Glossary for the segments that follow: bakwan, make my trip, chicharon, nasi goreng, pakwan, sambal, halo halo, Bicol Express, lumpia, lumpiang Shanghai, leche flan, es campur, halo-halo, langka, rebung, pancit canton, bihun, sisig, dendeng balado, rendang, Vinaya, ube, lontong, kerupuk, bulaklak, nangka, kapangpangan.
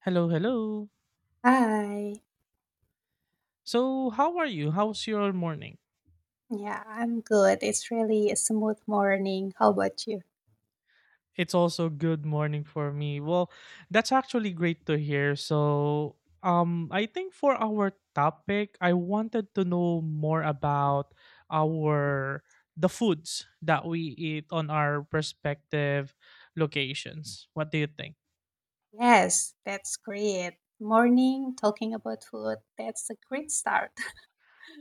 Hello, hello. Hi. So, how are you? How's your morning? Yeah, I'm good. It's really a smooth morning. How about you? It's also good morning for me. That's actually great to hear. I think for our topic, I wanted to know more about our the foods that we eat on our respective locations. What do you think? Yes, that's great. Morning talking about food. That's a great start.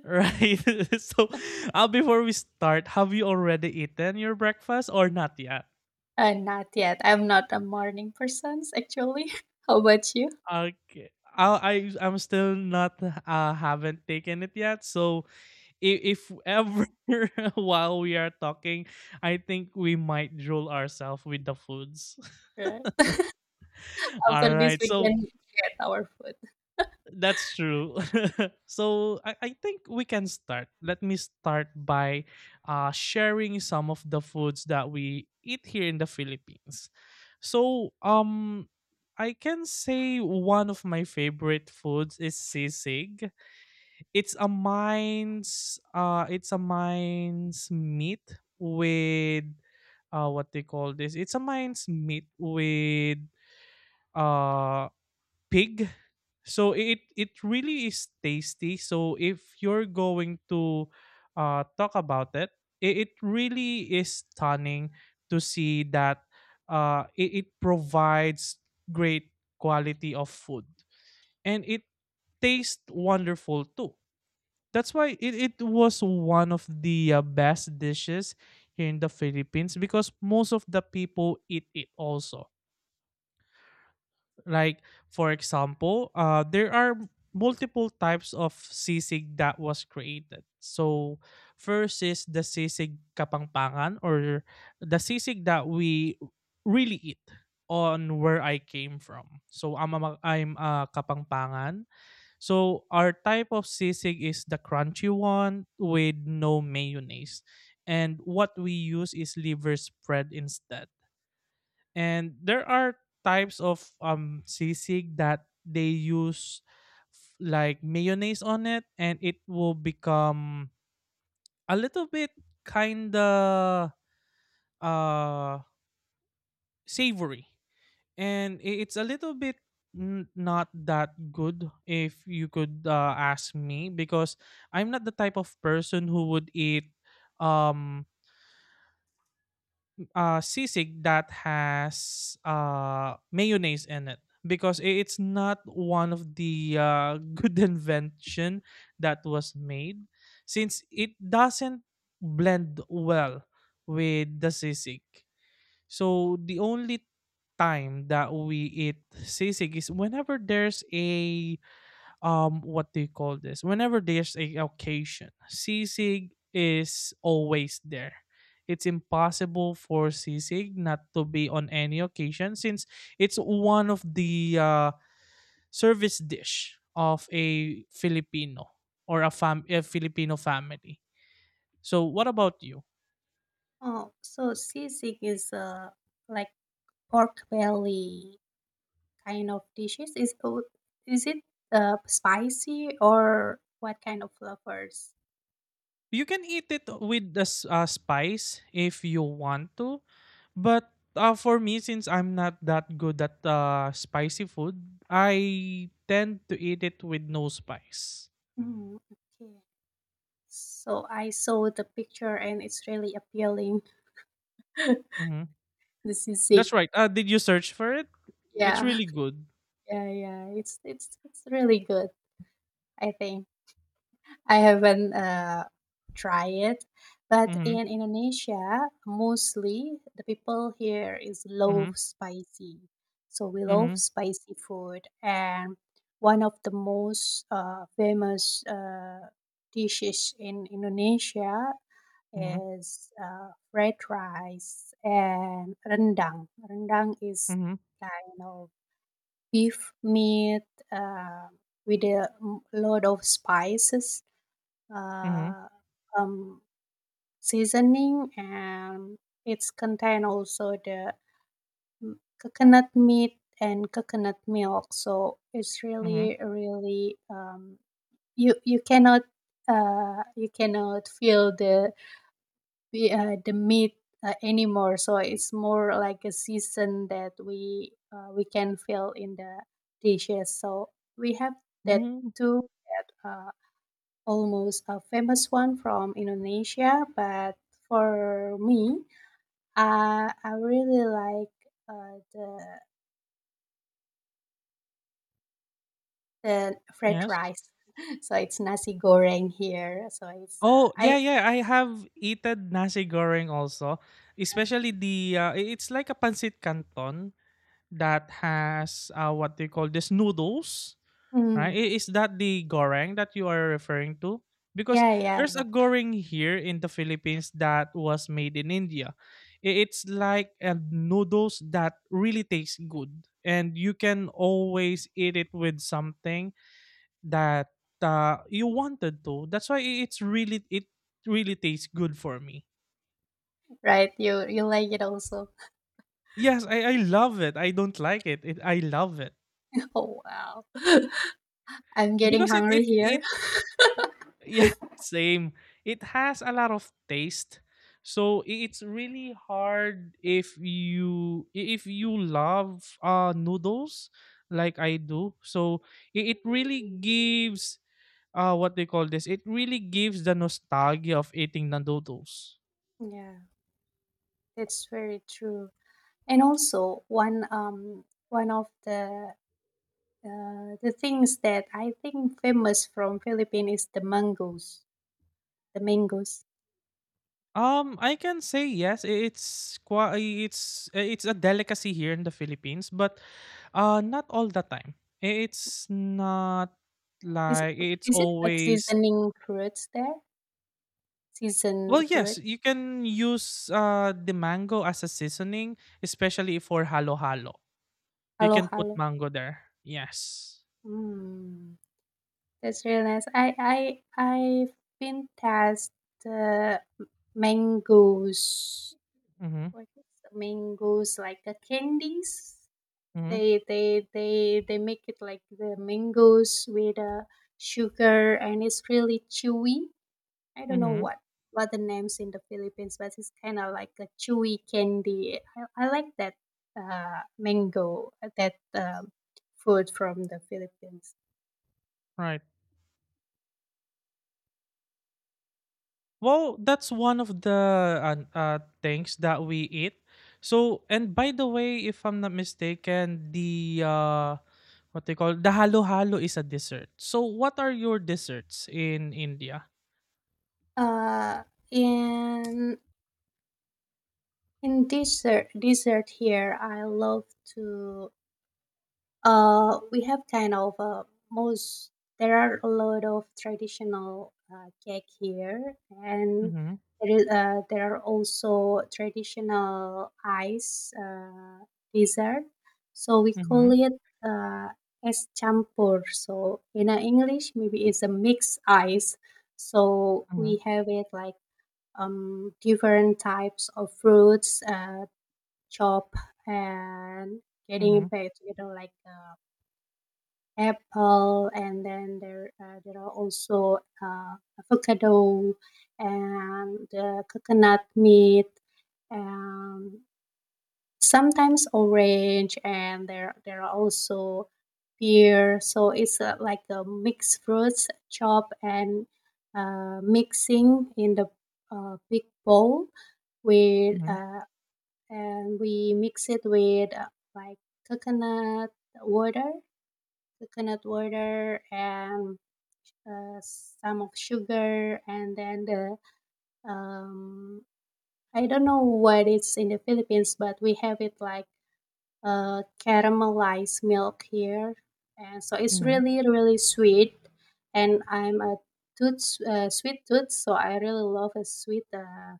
Right. so, before we start, have you already eaten your breakfast or not yet? Not yet. I'm not a morning person, actually. How about you? Okay. I'm still not haven't taken it yet. So if ever while we are talking, I think we might drool ourselves with the foods. Right. All After this, right. we So can get our food. that's true. I think we can start. Let me start by sharing some of the foods that we eat here in the Philippines. So um I can say one of my favorite foods is sisig. It's a mine's meat with what they call this. It's a mine's meat with uh pig. So it really is tasty. So if you're going to talk about it, it really is stunning to see that it provides great quality of food, and it tastes wonderful too. That's why it was one of the best dishes here in the Philippines, because most of the people eat it also. Like for example, there are multiple types of sisig that was created. So first is the sisig kapangpangan, or the sisig that we really eat on where I came from. So I'm a kapangpangan, so our type of sisig is the crunchy one with no mayonnaise. And what we use is liver spread instead. And there are types of sisig that they use like mayonnaise on it, and it will become a little bit kinda uh savory, and it's a little bit not that good if you could ask me, because I'm not the type of person who would eat um sisig that has mayonnaise in it, because it's not one of the good invention that was made, since it doesn't blend well with the sisig. So the only time that we eat sisig is whenever there's a what do you call this? Whenever there's a occasion, sisig is always there. It's impossible for sisig not to be on any occasion, since it's one of the service dish of a Filipino, or a fam a Filipino family. So what about you? Oh, so sisig is like pork belly kind of dishes? Is oh, is it spicy or what kind of flavors? You can eat it with the spice if you want to, but for me, since I'm not that good at spicy food, I tend to eat it with no spice. Mm, okay. So I saw the picture and it's really appealing. Hmm. This is sisig. That's right. Did you search for it? It's Yeah. really good. Yeah, yeah. It's really good, I think. I haven't tried it, but Mm-hmm. in Indonesia, mostly the people here is love Mm-hmm. spicy. So we love Mm-hmm. spicy food, and one of the most famous dishes in Indonesia Mm-hmm. is fried rice and rendang. Rendang is Mm-hmm. kind of beef meat uh, with a lot of spices, Mm-hmm. Mm-hmm. uh, um, seasoning, and it's contain also the mm, coconut meat and coconut milk, so it's Mm-hmm. really really you cannot, you cannot feel the meat anymore, so it's more like a season that we can feel in the dishes. So we have that Mm-hmm. too, that almost a famous one from Indonesia. But for me, I really like uh, the the fried Yes. rice. So it's nasi goreng here. Oh, yeah, yeah, I have eaten nasi goreng also, especially the it's like a pancit canton that has what they call this noodles, mm, right? Is that the goreng that you are referring to? Because yeah, yeah, there's yeah, a goreng here in the Philippines that was made in India. It's like a noodles that really tastes good, and you can always eat it with something that you wanted to. That's why it really tastes good for me. right. You like it also. Yes, I love it. I don't like it. It. I love it Oh wow, I'm getting because hungry here. it yeah, same. It has a lot of taste, so it's really hard if if you love noodles like I do. So it really gives what they call this. It really gives the nostalgia of eating the noodles. Yeah, that's very true. And also one of the things that I think famous from Philippines is the mangoes. The mangoes. I can say yes. It's quite. It's it's a delicacy here in the Philippines, but not all the time. It's not Is like it it's is it like always. seasoning fruits there? Season Well, fruit? yes, you can use the mango as a seasoning, especially for halo-halo. You Halo can put halo. mango there. Yes. Mm, that's really nice. I've been past the mangoes. Mm-hmm. What is the mangoes like the candies? Mm-hmm. They make it like the mangoes with sugar, and it's really chewy. I don't know Mm-hmm. what the names in the Philippines, but it's kind of like a chewy candy. I like that mango, that food from the Philippines. Right. Well, that's one of the things that we eat. So, and by the way, if I'm not mistaken, the what they call the halo halo is a dessert. So, what are your desserts in India? Uh, in dessert here, I love to. We have kind of most. There are a lot of traditional cake here, and Mhm, there are also traditional ice dessert. So we call mhm, it uh, es campur. So in English, maybe it's a mixed ice. So mhm, we have it like different types of fruits, chop and getting mhm, it back together like. Apple, and then there are also avocado and coconut meat, and sometimes orange, and there are also pear. So it's like a mixed fruits chop and mixing in the big bowl with, mhm, and we mix it with, like coconut water coconut water, and some of sugar, and then the um, I don't know what it's in the Philippines, but we have it like caramelized milk here, and so it's mhm. really really sweet. And I'm a tooth, sweet tooth, so I really love a sweet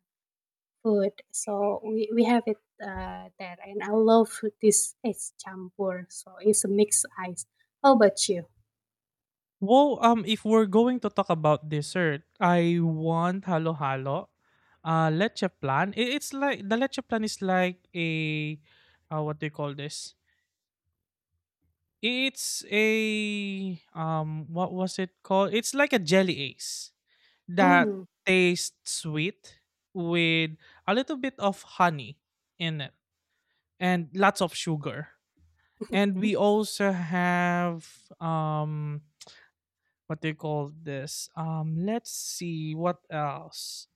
food. So we have it there, and I love this ice campur. So it's a mixed ice. How about you? Well, if we're going to talk about dessert, I want halo-halo, leche plan. It's like the leche plan is like a, what do you call this? It's a what was it called? It's like a jelly ace that Mm. tastes sweet with a little bit of honey in it, and lots of sugar. And we also have um what do you call this? Let's see what else.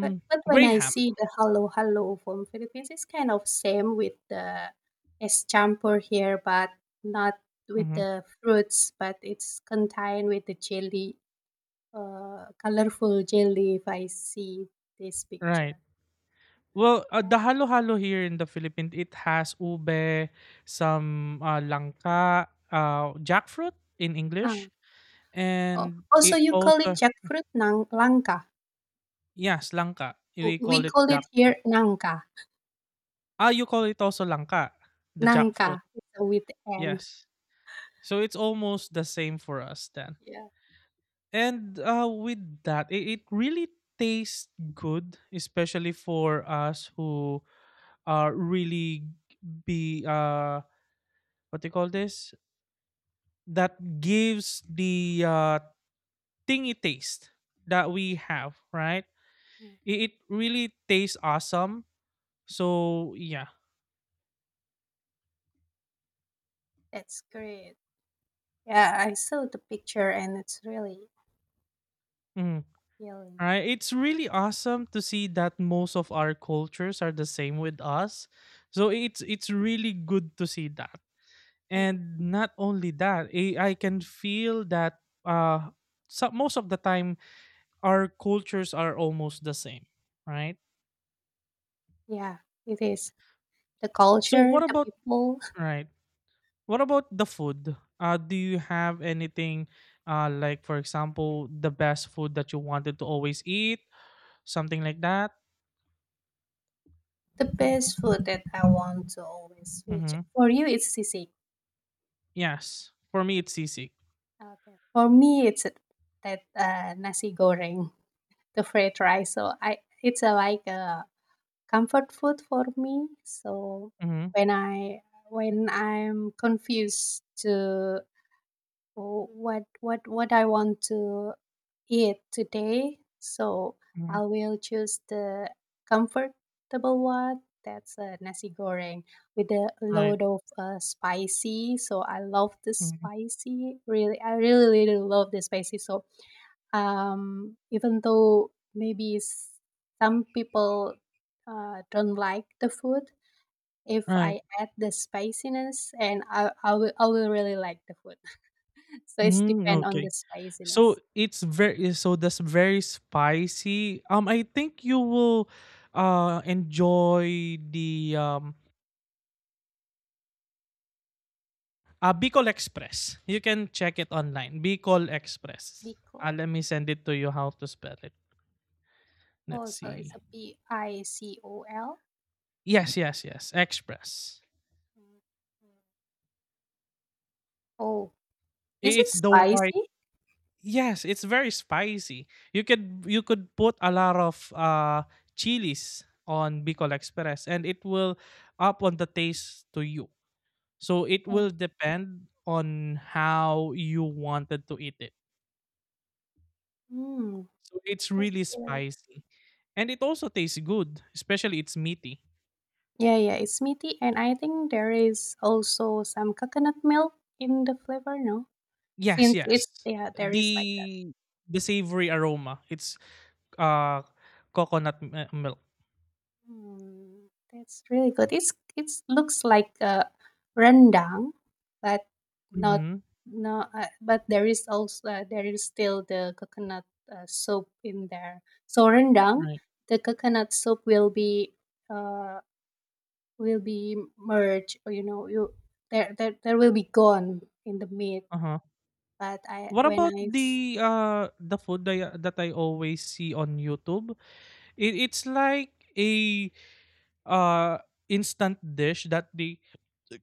But but when I Graham. see the "Hello, hello" from Philippines, it's kind of same with the "Escampur" here, but not with Hmm. the fruits, but it's contained with the jelly, colorful jelly, if I see this Right. picture. Well, Yeah. the halo-halo here in the Philippines, it has ube, some langka, jackfruit in Ah, English, oh, and also it you call it also jackfruit nang langka. yes, langka. W We we call it call it here jackfruit. nangka. Ah, you call it also langka, the jackfruit. Nangka, it's a with N. Yes. So it's almost the same for us then. Yeah. And with that, it really tastes good, especially for us who are really be what do you call this? That gives the tingy taste that we have, right? Mm, It really tastes awesome. So yeah. that's great. Yeah, I saw the picture and it's really Mm. appealing. All right. It's really awesome to see that most of our cultures are the same with us. So it's really good to see that. Yeah. And not only that, I can feel that so most of the time our cultures are almost the same, right? Yeah, it is. The So culture, what the about people, right what about the food, do you have anything like, for example, the best food that you wanted to always eat, something like that? the best food that I want to always switch. Mm-hmm. For you, it's sisig. Yes, for me it's sisig. Okay. For me, it's that nasi goreng, the fried rice. So I, it's a, like a comfort food for me. So Mm-hmm. when I when I'm confused to what I want to it today, so Mm-hmm. I will choose the comfortable one. That's a nasi goreng with a Right. load of spicy. So I love the Mm-hmm. spicy. Really, I really, really love the spicy. So even though maybe some people don't like the food, if Right. I add the spiciness, and I will really like the food. So it's Mm, depend on the okay. So spiciness. it's very so that's very spicy. I think you will enjoy the Bicol Express. You can check it online. Bicol Express. Because. Let me send it to you how to spell it. Oh, Let's so it's see. a PICOL? Yes, yes, yes. Express. Mm, mm. Oh, is it It's the white. spicy? Yes, it's very spicy. You could put a lot of chilies on Bicol Express, and it will up on the taste to you. So it Oh, will depend on how you wanted to eat it. mm, So it's that's really spicy. And it also tastes good, especially it's meaty. yeah, yeah, it's meaty, and I think there is also some coconut milk in the flavor, no? Yes, Since yes. it's, yeah, there is like. The the savory aroma. It's uh milk. Mm, that's really good. It looks like a rendang, but not Mhm. no. But there is also, there is still the coconut, soup in there. So rendang, Right. the coconut soup uh will be merged. Or, you, there will be gone in the meat. Uh-huh. But I, What when about I the food that, that I always see on YouTube? It's like a uh instant dish that they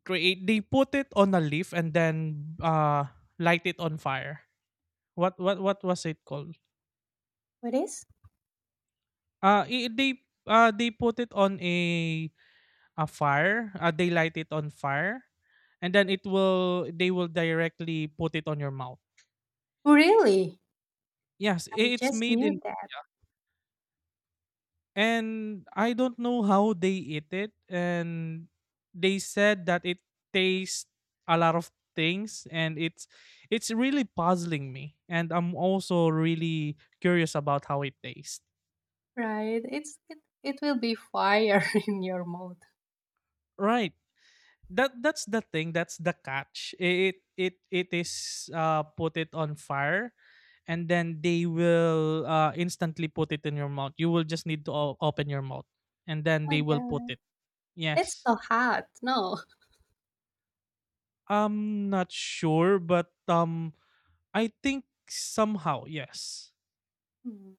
create, they put it on a leaf and then light it on fire. What what was it called? what is uh i- they they put it on a fire, they light it on fire, and then it will they will directly put it on your mouth. really, Yes, I it's just made in. knew that And I don't know how they eat it. And they said that it tastes a lot of things, and it's really puzzling me. And I'm also really curious about how it tastes. right. It will be fire in your mouth. Right. That that's the thing. That's the catch. It is put it on fire, and then they will instantly put it in your mouth. You will just need to open your mouth, and then My they will put God, it. it's Yes. so hot. No. I'm not sure, but I think somehow yes. Mm.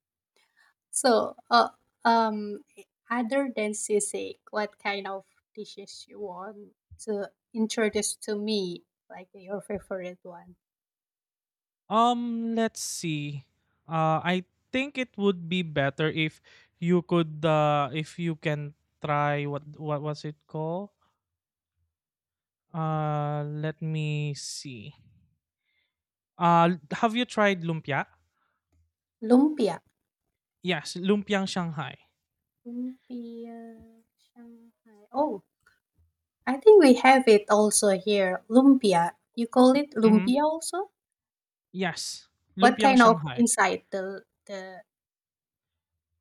So, um, other than sisig, what kind of dishes you want to introduce to me? Like your favorite one? Let's see. I think it would be better if you could if you can try what was it called? Let me see. Have you tried lumpia? Lumpia. Yes, lumpiang Shanghai. Lumpia, Shanghai. Oh, I think we have it also here. Lumpia. You call it Hmm. lumpia also? Yes, What lumpiang kind of Shanghai. inside the.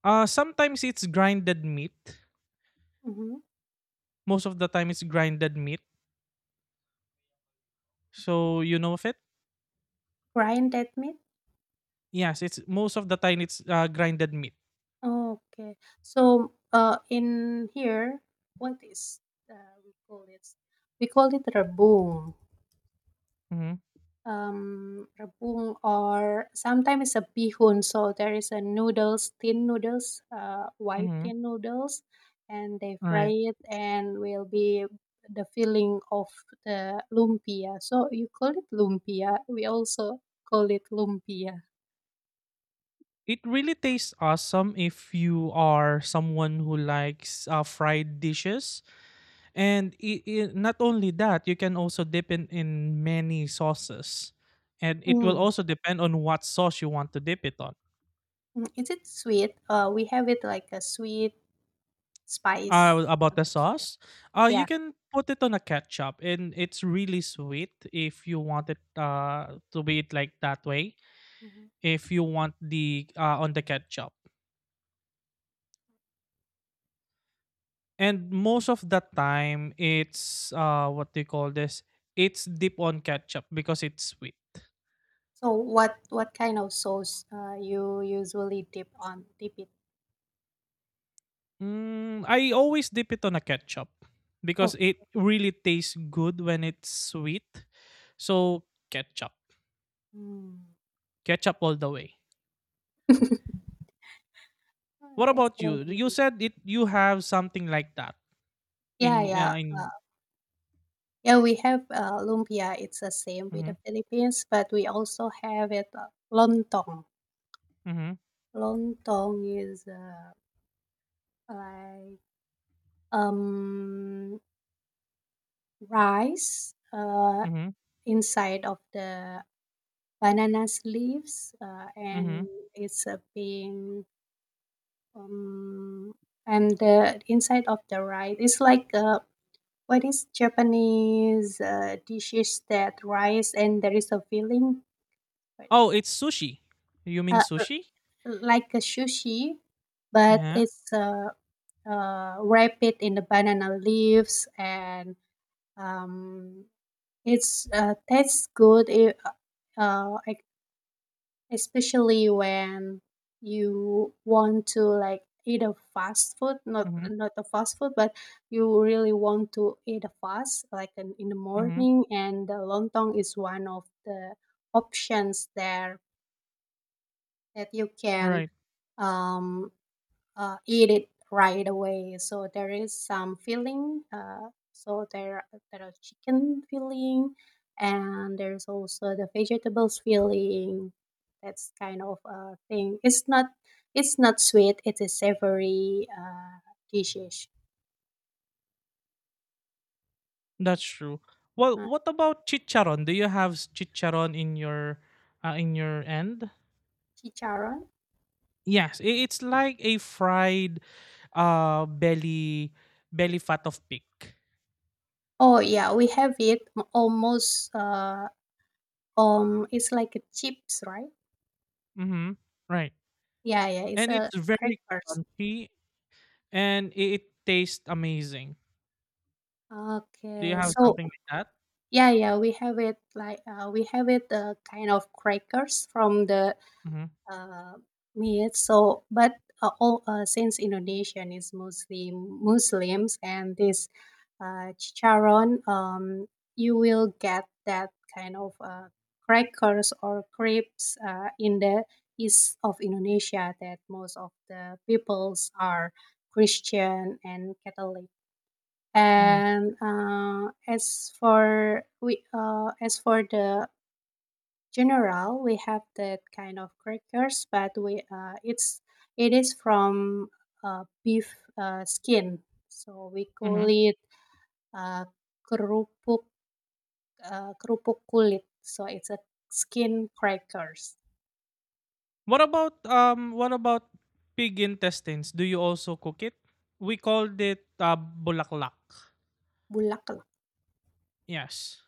Sometimes it's grinded meat. Mhm. Most of the time, it's grinded meat. So you know of it. Grind that meat? Yes, it's most of the time it's grinded meat. Okay. So, in here, what is we call it? We call it rebung. Mhm. Rebung, or sometimes it's a bihun. So there is a noodles, thin noodles, white Mhm. thin noodles, and they fry Right. it and will be the filling of the lumpia. So you call it lumpia. We also call it lumpia. It really tastes awesome if you are someone who likes fried dishes, and I not only that, you can also dip in many sauces, and it will Mm. also depend on what sauce you want to dip it on. Mm. Is it sweet? We have it like a sweet. Spice About the sauce here. sauce, you Yeah. can put it on a ketchup, and it's really sweet if you want it to be it like that way. Hmm. If you want the on the ketchup. And most of the time, it's what do you call this? It's dip on ketchup because it's sweet. So what kind of sauce you usually dip it? Mm, I always dip it on a ketchup because Okay. it really tastes good when it's sweet. So ketchup, Mm. ketchup all the way. Oh, What that's about really you? You nice. said it. You have something like that Yeah, in yeah, in. yeah. We have lumpia. It's the same with Mm-hmm, the Philippines, but we also have it, lontong. mm-hmm, Lontong is like um rice mm-hmm, inside of the banana leaves, mm-hmm. and it's being. Um, and the inside of the rice, it's like, what is Japanese dishes that rice and there is a filling, but, Oh, it's sushi. You mean uh, uh, sushi? like a sushi, but Yeah. it's wrap it in the banana leaves, and um, it's, tastes good. It, I. Especially when you want to like eat a fast food, not Mm-hmm, not a fast food, but you really want to eat a fast, like in the mm-hmm. morning, and the lontong is one of the options there that you can um, eat it right away. So there is some filling. So there are chicken filling, and there's also the vegetables filling. That's kind of a thing. It's not sweet. It is savory dishes. That's true. Well, Uh, what about chicharon? Do you have chicharon in your end? Chicharon. Yes, it's like a fried uh belly belly fat of pig. Oh yeah, we have it almost. It's like a chips, right? Mhm. Right. Yeah, yeah. It's And a it's very crackers. crunchy, and it tastes amazing. Do you Okay, have so. something like that? Yeah, yeah, we have it kind of crackers from the Mhm. uh, meat. So, but all, since Indonesian is mostly Muslims and this chicharron, you will get that kind of crackers or crepes in the east of Indonesia that most of the peoples are Christian and Catholic, Mhm. and as for the general, we have that kind of crackers, but we, it is from beef skin, so we call Mhm. it uh, kerupuk, kerupuk kulit, so it's a skin crackers. What about pig intestines? Do you also cook it? We called it bulaklak. Bulaklak. Yes.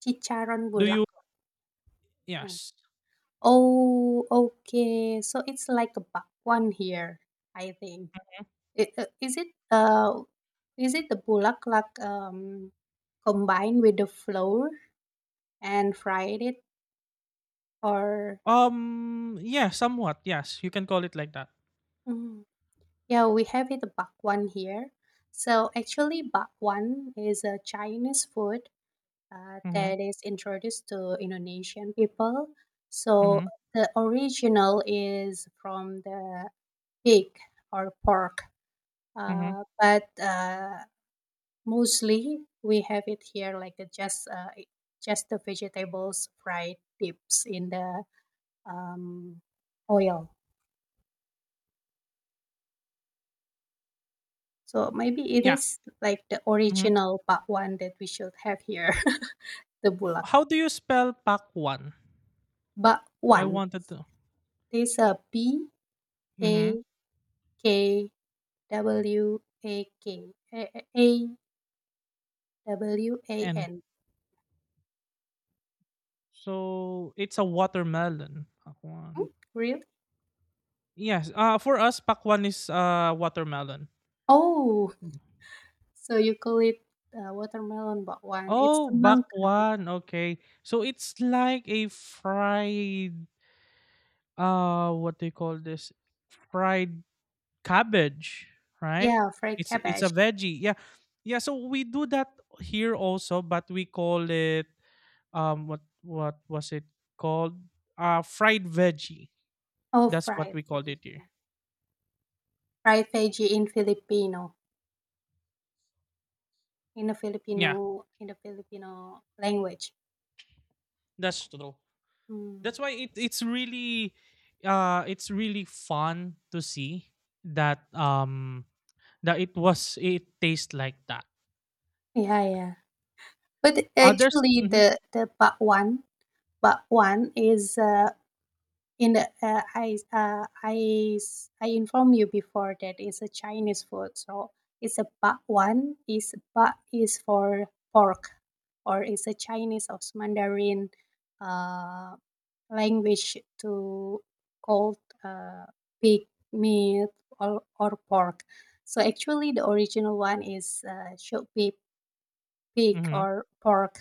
Chicharon Do you bulaklak. No. Yes. Oh, okay, so it's like a bakwan here, I think. It, is it the bulaklak combined with the flour and fried it, or. Yeah, somewhat, yes, you can call it like that. Mm, yeah, we have it the bakwan here. So actually bakwan is a Chinese food Mhm, that is introduced to Indonesian people, so mhm, the original is from the pig or pork, mhm. But, mostly, we have it here like a just, just the vegetables fried dips in the um, oil. So maybe it Yeah, is like the mhm. original bakwan that we should have here, the bulak. How do you spell pakwan? I Bakwan. wanted to This a B mhm, A K W A K A A- W A and N. so it's a watermelon, Hmm? pakwan. Really? Yes, for us pakwan is, watermelon. Oh, Mm. so you call it watermelon bakwan. It's Oh, semangka. bakwan, okay. So it's like a fried, what do you call this? Fried cabbage, right? Yeah, fried It's a cabbage. veggie. Yeah. Yeah, so we do that here also, but we call it what was it called? Fried veggie. Oh, That's what fried we called it here. veggie. Fried veggie in Filipino, in the Yeah, Filipino in the Filipino language. that's true. That's Mm. why it's really it's really fun to see that that it tastes like that. Yeah, yeah. But Others actually mm-hmm, the bakwan is, in the, I informed you before that it's a Chinese food, so it's a bak one is bak is for pork, or it's a Chinese or Mandarin uh, language to called pig meat or pork. So actually, the original one is should be pig mm-hmm, or pork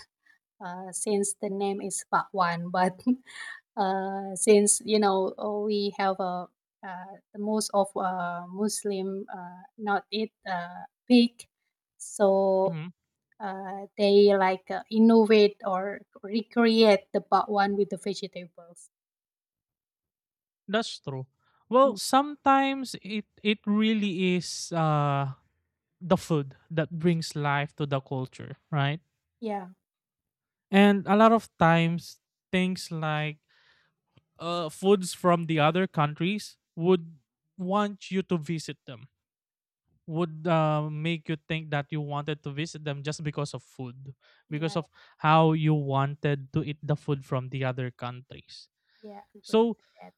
since the name is Pak Wan, but since you know we have a, the most of Muslim not eat pig, so mm-hmm, they like, innovate or recreate the one with the vegetables. that's true. Well, Mm. sometimes it really is the food that brings life to the culture, right? Yeah, And a lot of times, things like foods from the other countries would want you to visit them, would make you think that you wanted to visit them just because of food, yeah, because of how you wanted to eat the food from the other countries. yeah. Agree with So, that.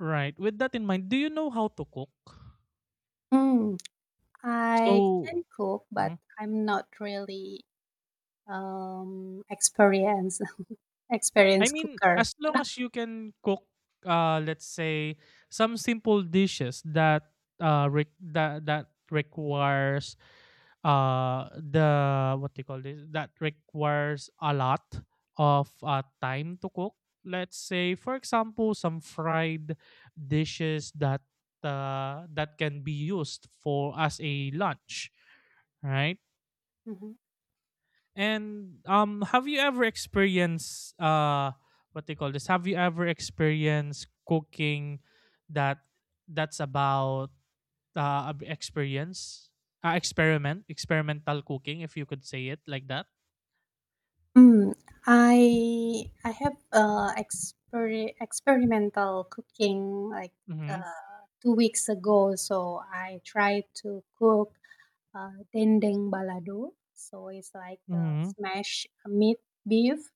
right, with that in mind, do you know how to cook? Mm, I So, can cook, hmm? but I'm not really experienced I experienced mean, cooker. as long as you can cook, let's say some simple dishes that that requires the what do you call this that requires a lot of time to cook. Let's say, for example, some fried dishes that that can be used for as a lunch, right? Mm-hmm. And have you ever experienced what they call this? Have you ever experienced cooking that that's about experience, experimental cooking, if you could say it like that? Mm, I have experimental cooking like Mm-hmm. 2 weeks ago. So I tried to cook dendeng balado. So it's like Mm-hmm. smashed meat beef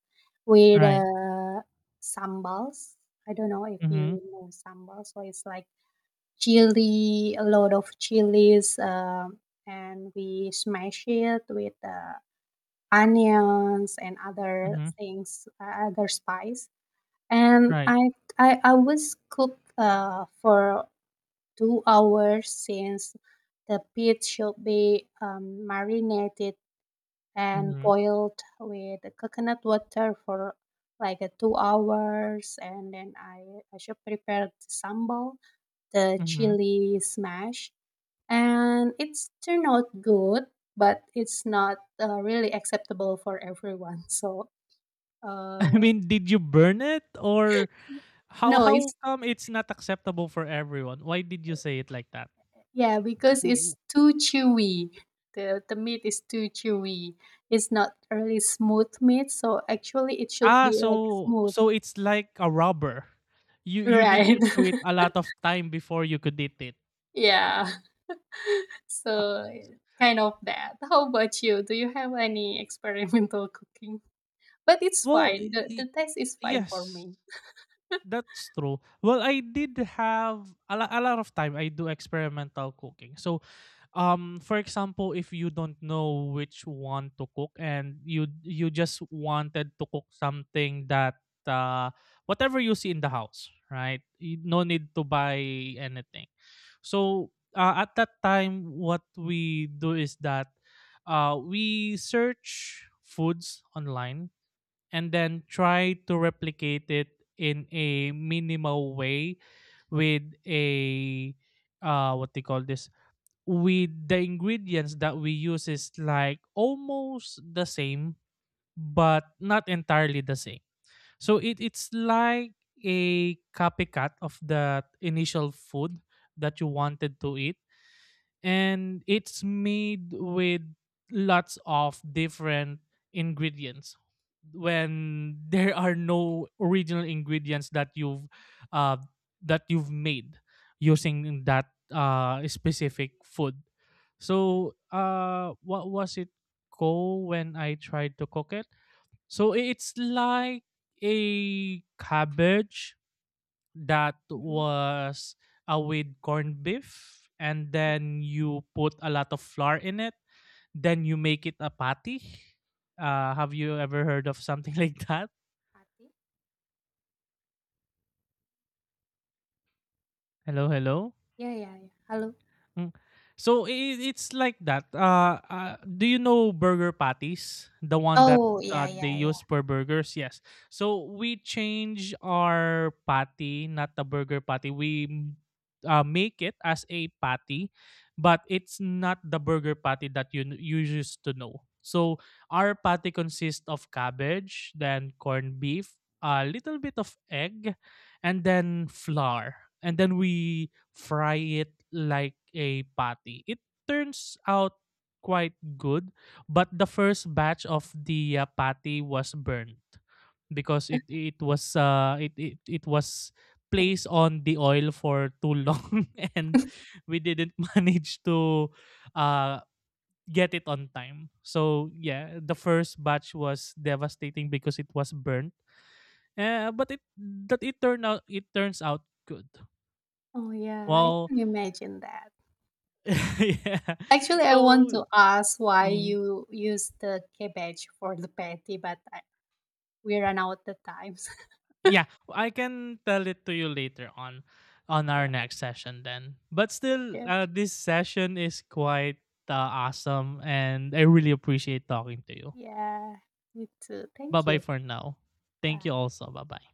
with Right. Sambals. I don't know if you Mm-hmm. know sambal. So it's like chili, a lot of chilies, and we smash it with onions and other Mm-hmm. things, other spice. And Right. I always cook for 2 hours since the meat should be marinated and Mm-hmm. boiled with the coconut water for like 2 hours. And then I should prepare the sambal, the Mm-hmm. chili smash. And it's turned out good, but it's not really acceptable for everyone. So I uh, mean, did you burn it or how no, how it's, come it's not acceptable for everyone? Why did you say it like that? yeah, because it's too chewy. The meat is too chewy. It's not really smooth meat, so actually it should Ah, be like so smooth. so it's like a rubber. You need Right. to chew it a lot of time before you could eat it. Yeah. Ha- So kind of that. How about you? Do you have any experimental cooking? But it's well, fine. The y- taste is fine for yes. me. That's true. Well, I did have a, a lot of time. I do experimental cooking. So, for example, if you don't know which one to cook and you just wanted to cook something that whatever you see in the house, right? You, no need to buy anything. So at that time, what we do is that we search foods online and then try to replicate it in a minimal way with a what they call this with the ingredients that we use is like almost the same but not entirely the same so it's like a copycat of the initial food that you wanted to eat, and it's made with lots of different ingredients when there are no original ingredients uh, that you've made using that specific food. So what was it called when I tried to cook it? So it's like a cabbage that Mm-hmm. was with corned beef and then you put a lot of flour in it, then you make it a patty. Have you ever heard of something like that? Hello, hello. Yeah, yeah, yeah. Hello. Mm. So i- it's like that. Do you know burger patties? The one that Oh, yeah, they yeah, yeah. use for burgers? Yes. So we change our patty, not the burger patty. Make it as a patty, but it's not the burger patty that you used to know. So our patty consists of cabbage, then corned beef, a little bit of egg, and then flour. And then we fry it like a patty. It turns out quite good, but the first batch of the patty was burnt because it it was Oh, placed on the oil for too long and we didn't manage to uh get it on time. So yeah, the first batch was devastating because it was burnt. But it turned out it turns out good. oh, yeah. I Well, can imagine that. yeah. Actually, I want So to ask why mhm. you use the cabbage for the patty, but I, we ran out the times. Yeah, I can tell it to you later on our Yeah. next session then. But still, Yeah. This session is quite awesome, and I really appreciate talking to you. Yeah. Me too. Bye Thank bye you. for now. Thank you Bye. also. Bye bye.